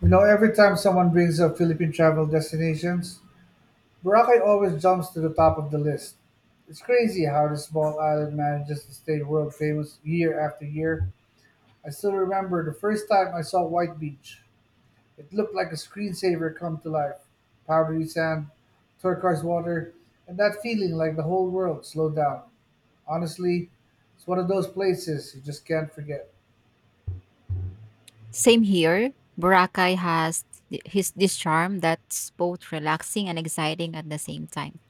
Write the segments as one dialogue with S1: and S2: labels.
S1: You know, every time someone brings up Philippine travel destinations, Boracay always jumps to the top of the list. It's crazy how this small island manages to stay world famous year after year. I still remember the first time I saw White Beach. It looked like a screensaver come to life. Powdery sand, turquoise water, and that feeling like the whole world slowed down. Honestly, it's one of those places you just can't forget.
S2: Same here. Boracay has th- his this charm that's both relaxing and exciting at the same time.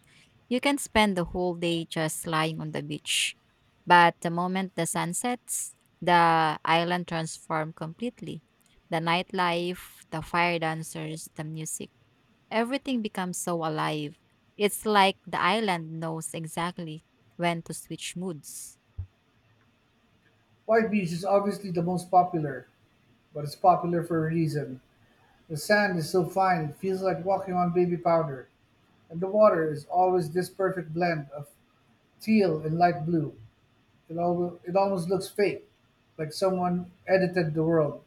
S2: You can spend the whole day just lying on the beach, but the moment the sun sets, the island transforms completely. The nightlife, the fire dancers, the music, everything becomes so alive. It's like the island knows exactly when to switch moods.
S1: White Beach is obviously the most popular, but it's popular for a reason. The sand is so fine it feels like walking on baby powder, and the water is always this perfect blend of teal and light blue. It almost looks fake, like someone edited the world.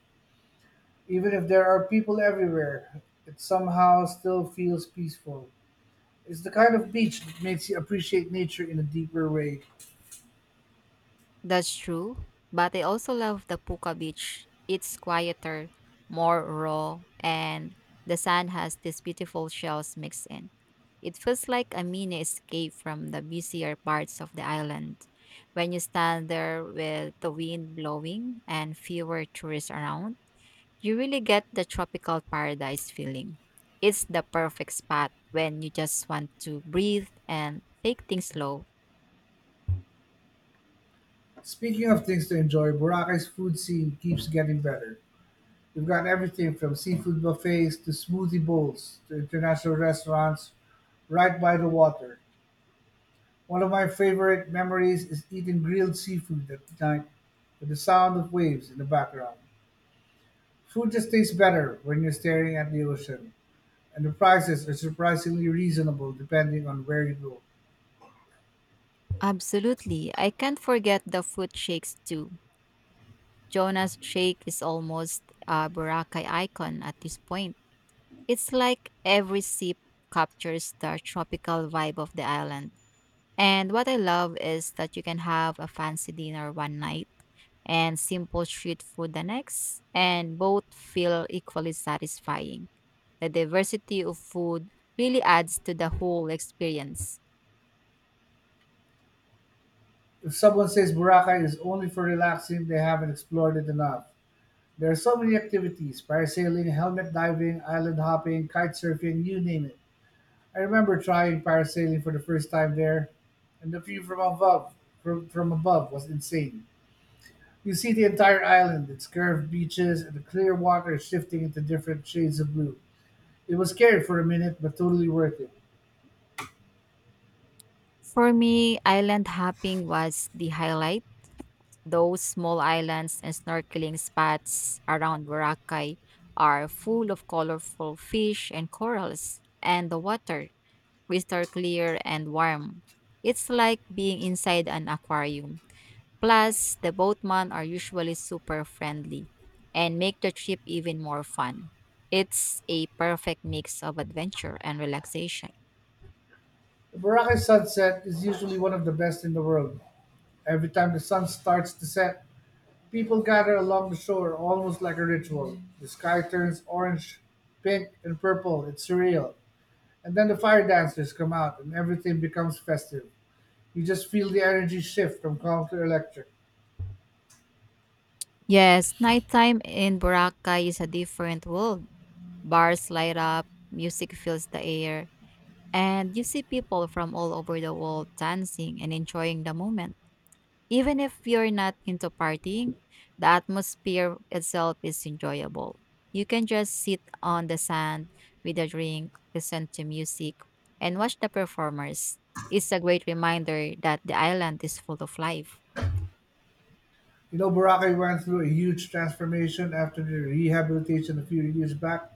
S1: Even if there are people everywhere, it somehow still feels peaceful. It's the kind of beach that makes you appreciate nature in a deeper way.
S2: That's true, but I also love the Puka Beach. It's quieter, more raw, and the sand has these beautiful shells mixed in. It feels like a mini escape from the busier parts of the island. When you stand there with the wind blowing and fewer tourists around, you really get the tropical paradise feeling. It's the perfect spot when you just want to breathe and take things slow.
S1: Speaking of things to enjoy, Boracay's food scene keeps getting better. We've got everything from seafood buffets to smoothie bowls to international restaurants right by the water. One of my favorite memories is eating grilled seafood at night with the sound of waves in the background. Food just tastes better when you're staring at the ocean, and the prices are surprisingly reasonable depending on where you go.
S2: Absolutely. I can't forget the foot shakes too. Jonah's shake is almost a Boracay icon at this point. It's like every sip captures the tropical vibe of the island. And what I love is that you can have a fancy dinner one night and simple street food the next, and both feel equally satisfying. The diversity of food really adds to the whole experience.
S1: If someone says Boracay is only for relaxing, they haven't explored it enough. There are so many activities: parasailing, helmet diving, island hopping, kite surfing, you name it. I remember trying parasailing for the first time there, and the view from above from above was insane. You see the entire island, its curved beaches, and the clear water shifting into different shades of blue. It was scary for a minute, but totally worth it.
S2: For me, island hopping was the highlight. Those small islands and snorkeling spots around Boracay are full of colorful fish and corals, and the water, crystal clear and warm. It's like being inside an aquarium. Plus, the boatmen are usually super friendly and make the trip even more fun. It's a perfect mix of adventure and relaxation.
S1: The Boracay sunset is usually one of the best in the world. Every time the sun starts to set, people gather along the shore almost like a ritual. The sky turns orange, pink, and purple. It's surreal. And then the fire dancers come out, and everything becomes festive. You just feel the energy shift from calm to electric.
S2: Yes, nighttime in Boracay is a different world. Bars light up, music fills the air, and you see people from all over the world dancing and enjoying the moment. Even if you're not into partying, the atmosphere itself is enjoyable. You can just sit on the sand with a drink, listen to music, and watch the performers. It's a great reminder that the island is full of life.
S1: You know, Boracay went through a huge transformation after the rehabilitation a few years back,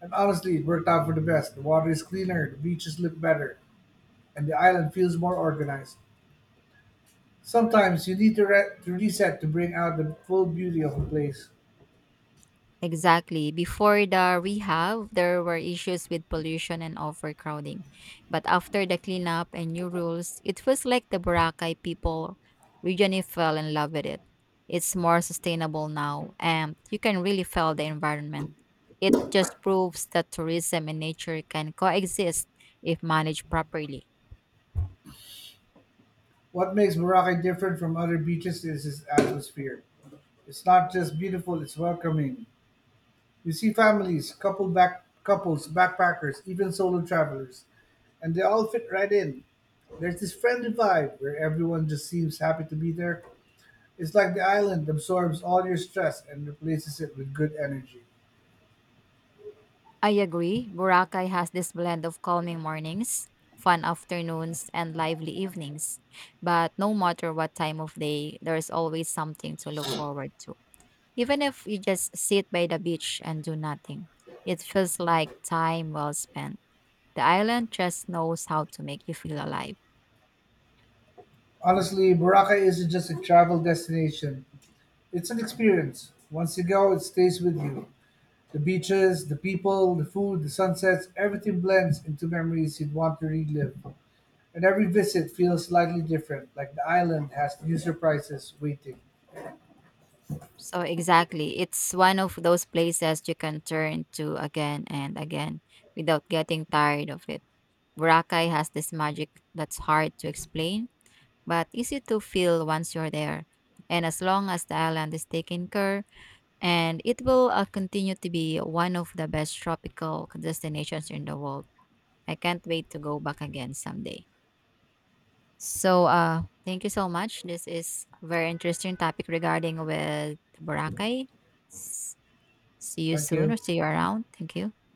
S1: and honestly, it worked out for the best. The water is cleaner, the beaches look better, and the island feels more organized. Sometimes you need to, re- to reset to bring out the full beauty of a place.
S2: Exactly. Before the rehab, there were issues with pollution and overcrowding. But after the cleanup and new rules, it feels like the Boracay people regionally fell in love with it. It's more sustainable now, and you can really feel the environment. It just proves that tourism and nature can coexist if managed properly.
S1: What makes Boracay different from other beaches is its atmosphere. It's not just beautiful, it's welcoming. You see families, couples, backpackers, even solo travelers, and they all fit right in. There's this friendly vibe where everyone just seems happy to be there. It's like the island absorbs all your stress and replaces it with good energy.
S2: I agree. Boracay has this blend of calming mornings, fun afternoons, and lively evenings. But no matter what time of day, there's always something to look forward to. Even if you just sit by the beach and do nothing, it feels like time well spent. The island just knows how to make you feel alive.
S1: Honestly, Boracay isn't just a travel destination, it's an experience. Once you go, it stays with you. The beaches, the people, the food, the sunsets, everything blends into memories you'd want to relive. And every visit feels slightly different, like the island has new surprises waiting.
S2: So, exactly. It's one of those places you can turn to again and again without getting tired of it. Boracay has this magic that's hard to explain but easy to feel once you're there. And as long as the island is taken care, and it will continue to be one of the best tropical destinations in the world. I can't wait to go back again someday. So, thank you so much. This is a very interesting topic regarding with Boracay. S- See you
S1: Thank
S2: soon or
S1: you.
S2: see you around. Thank you.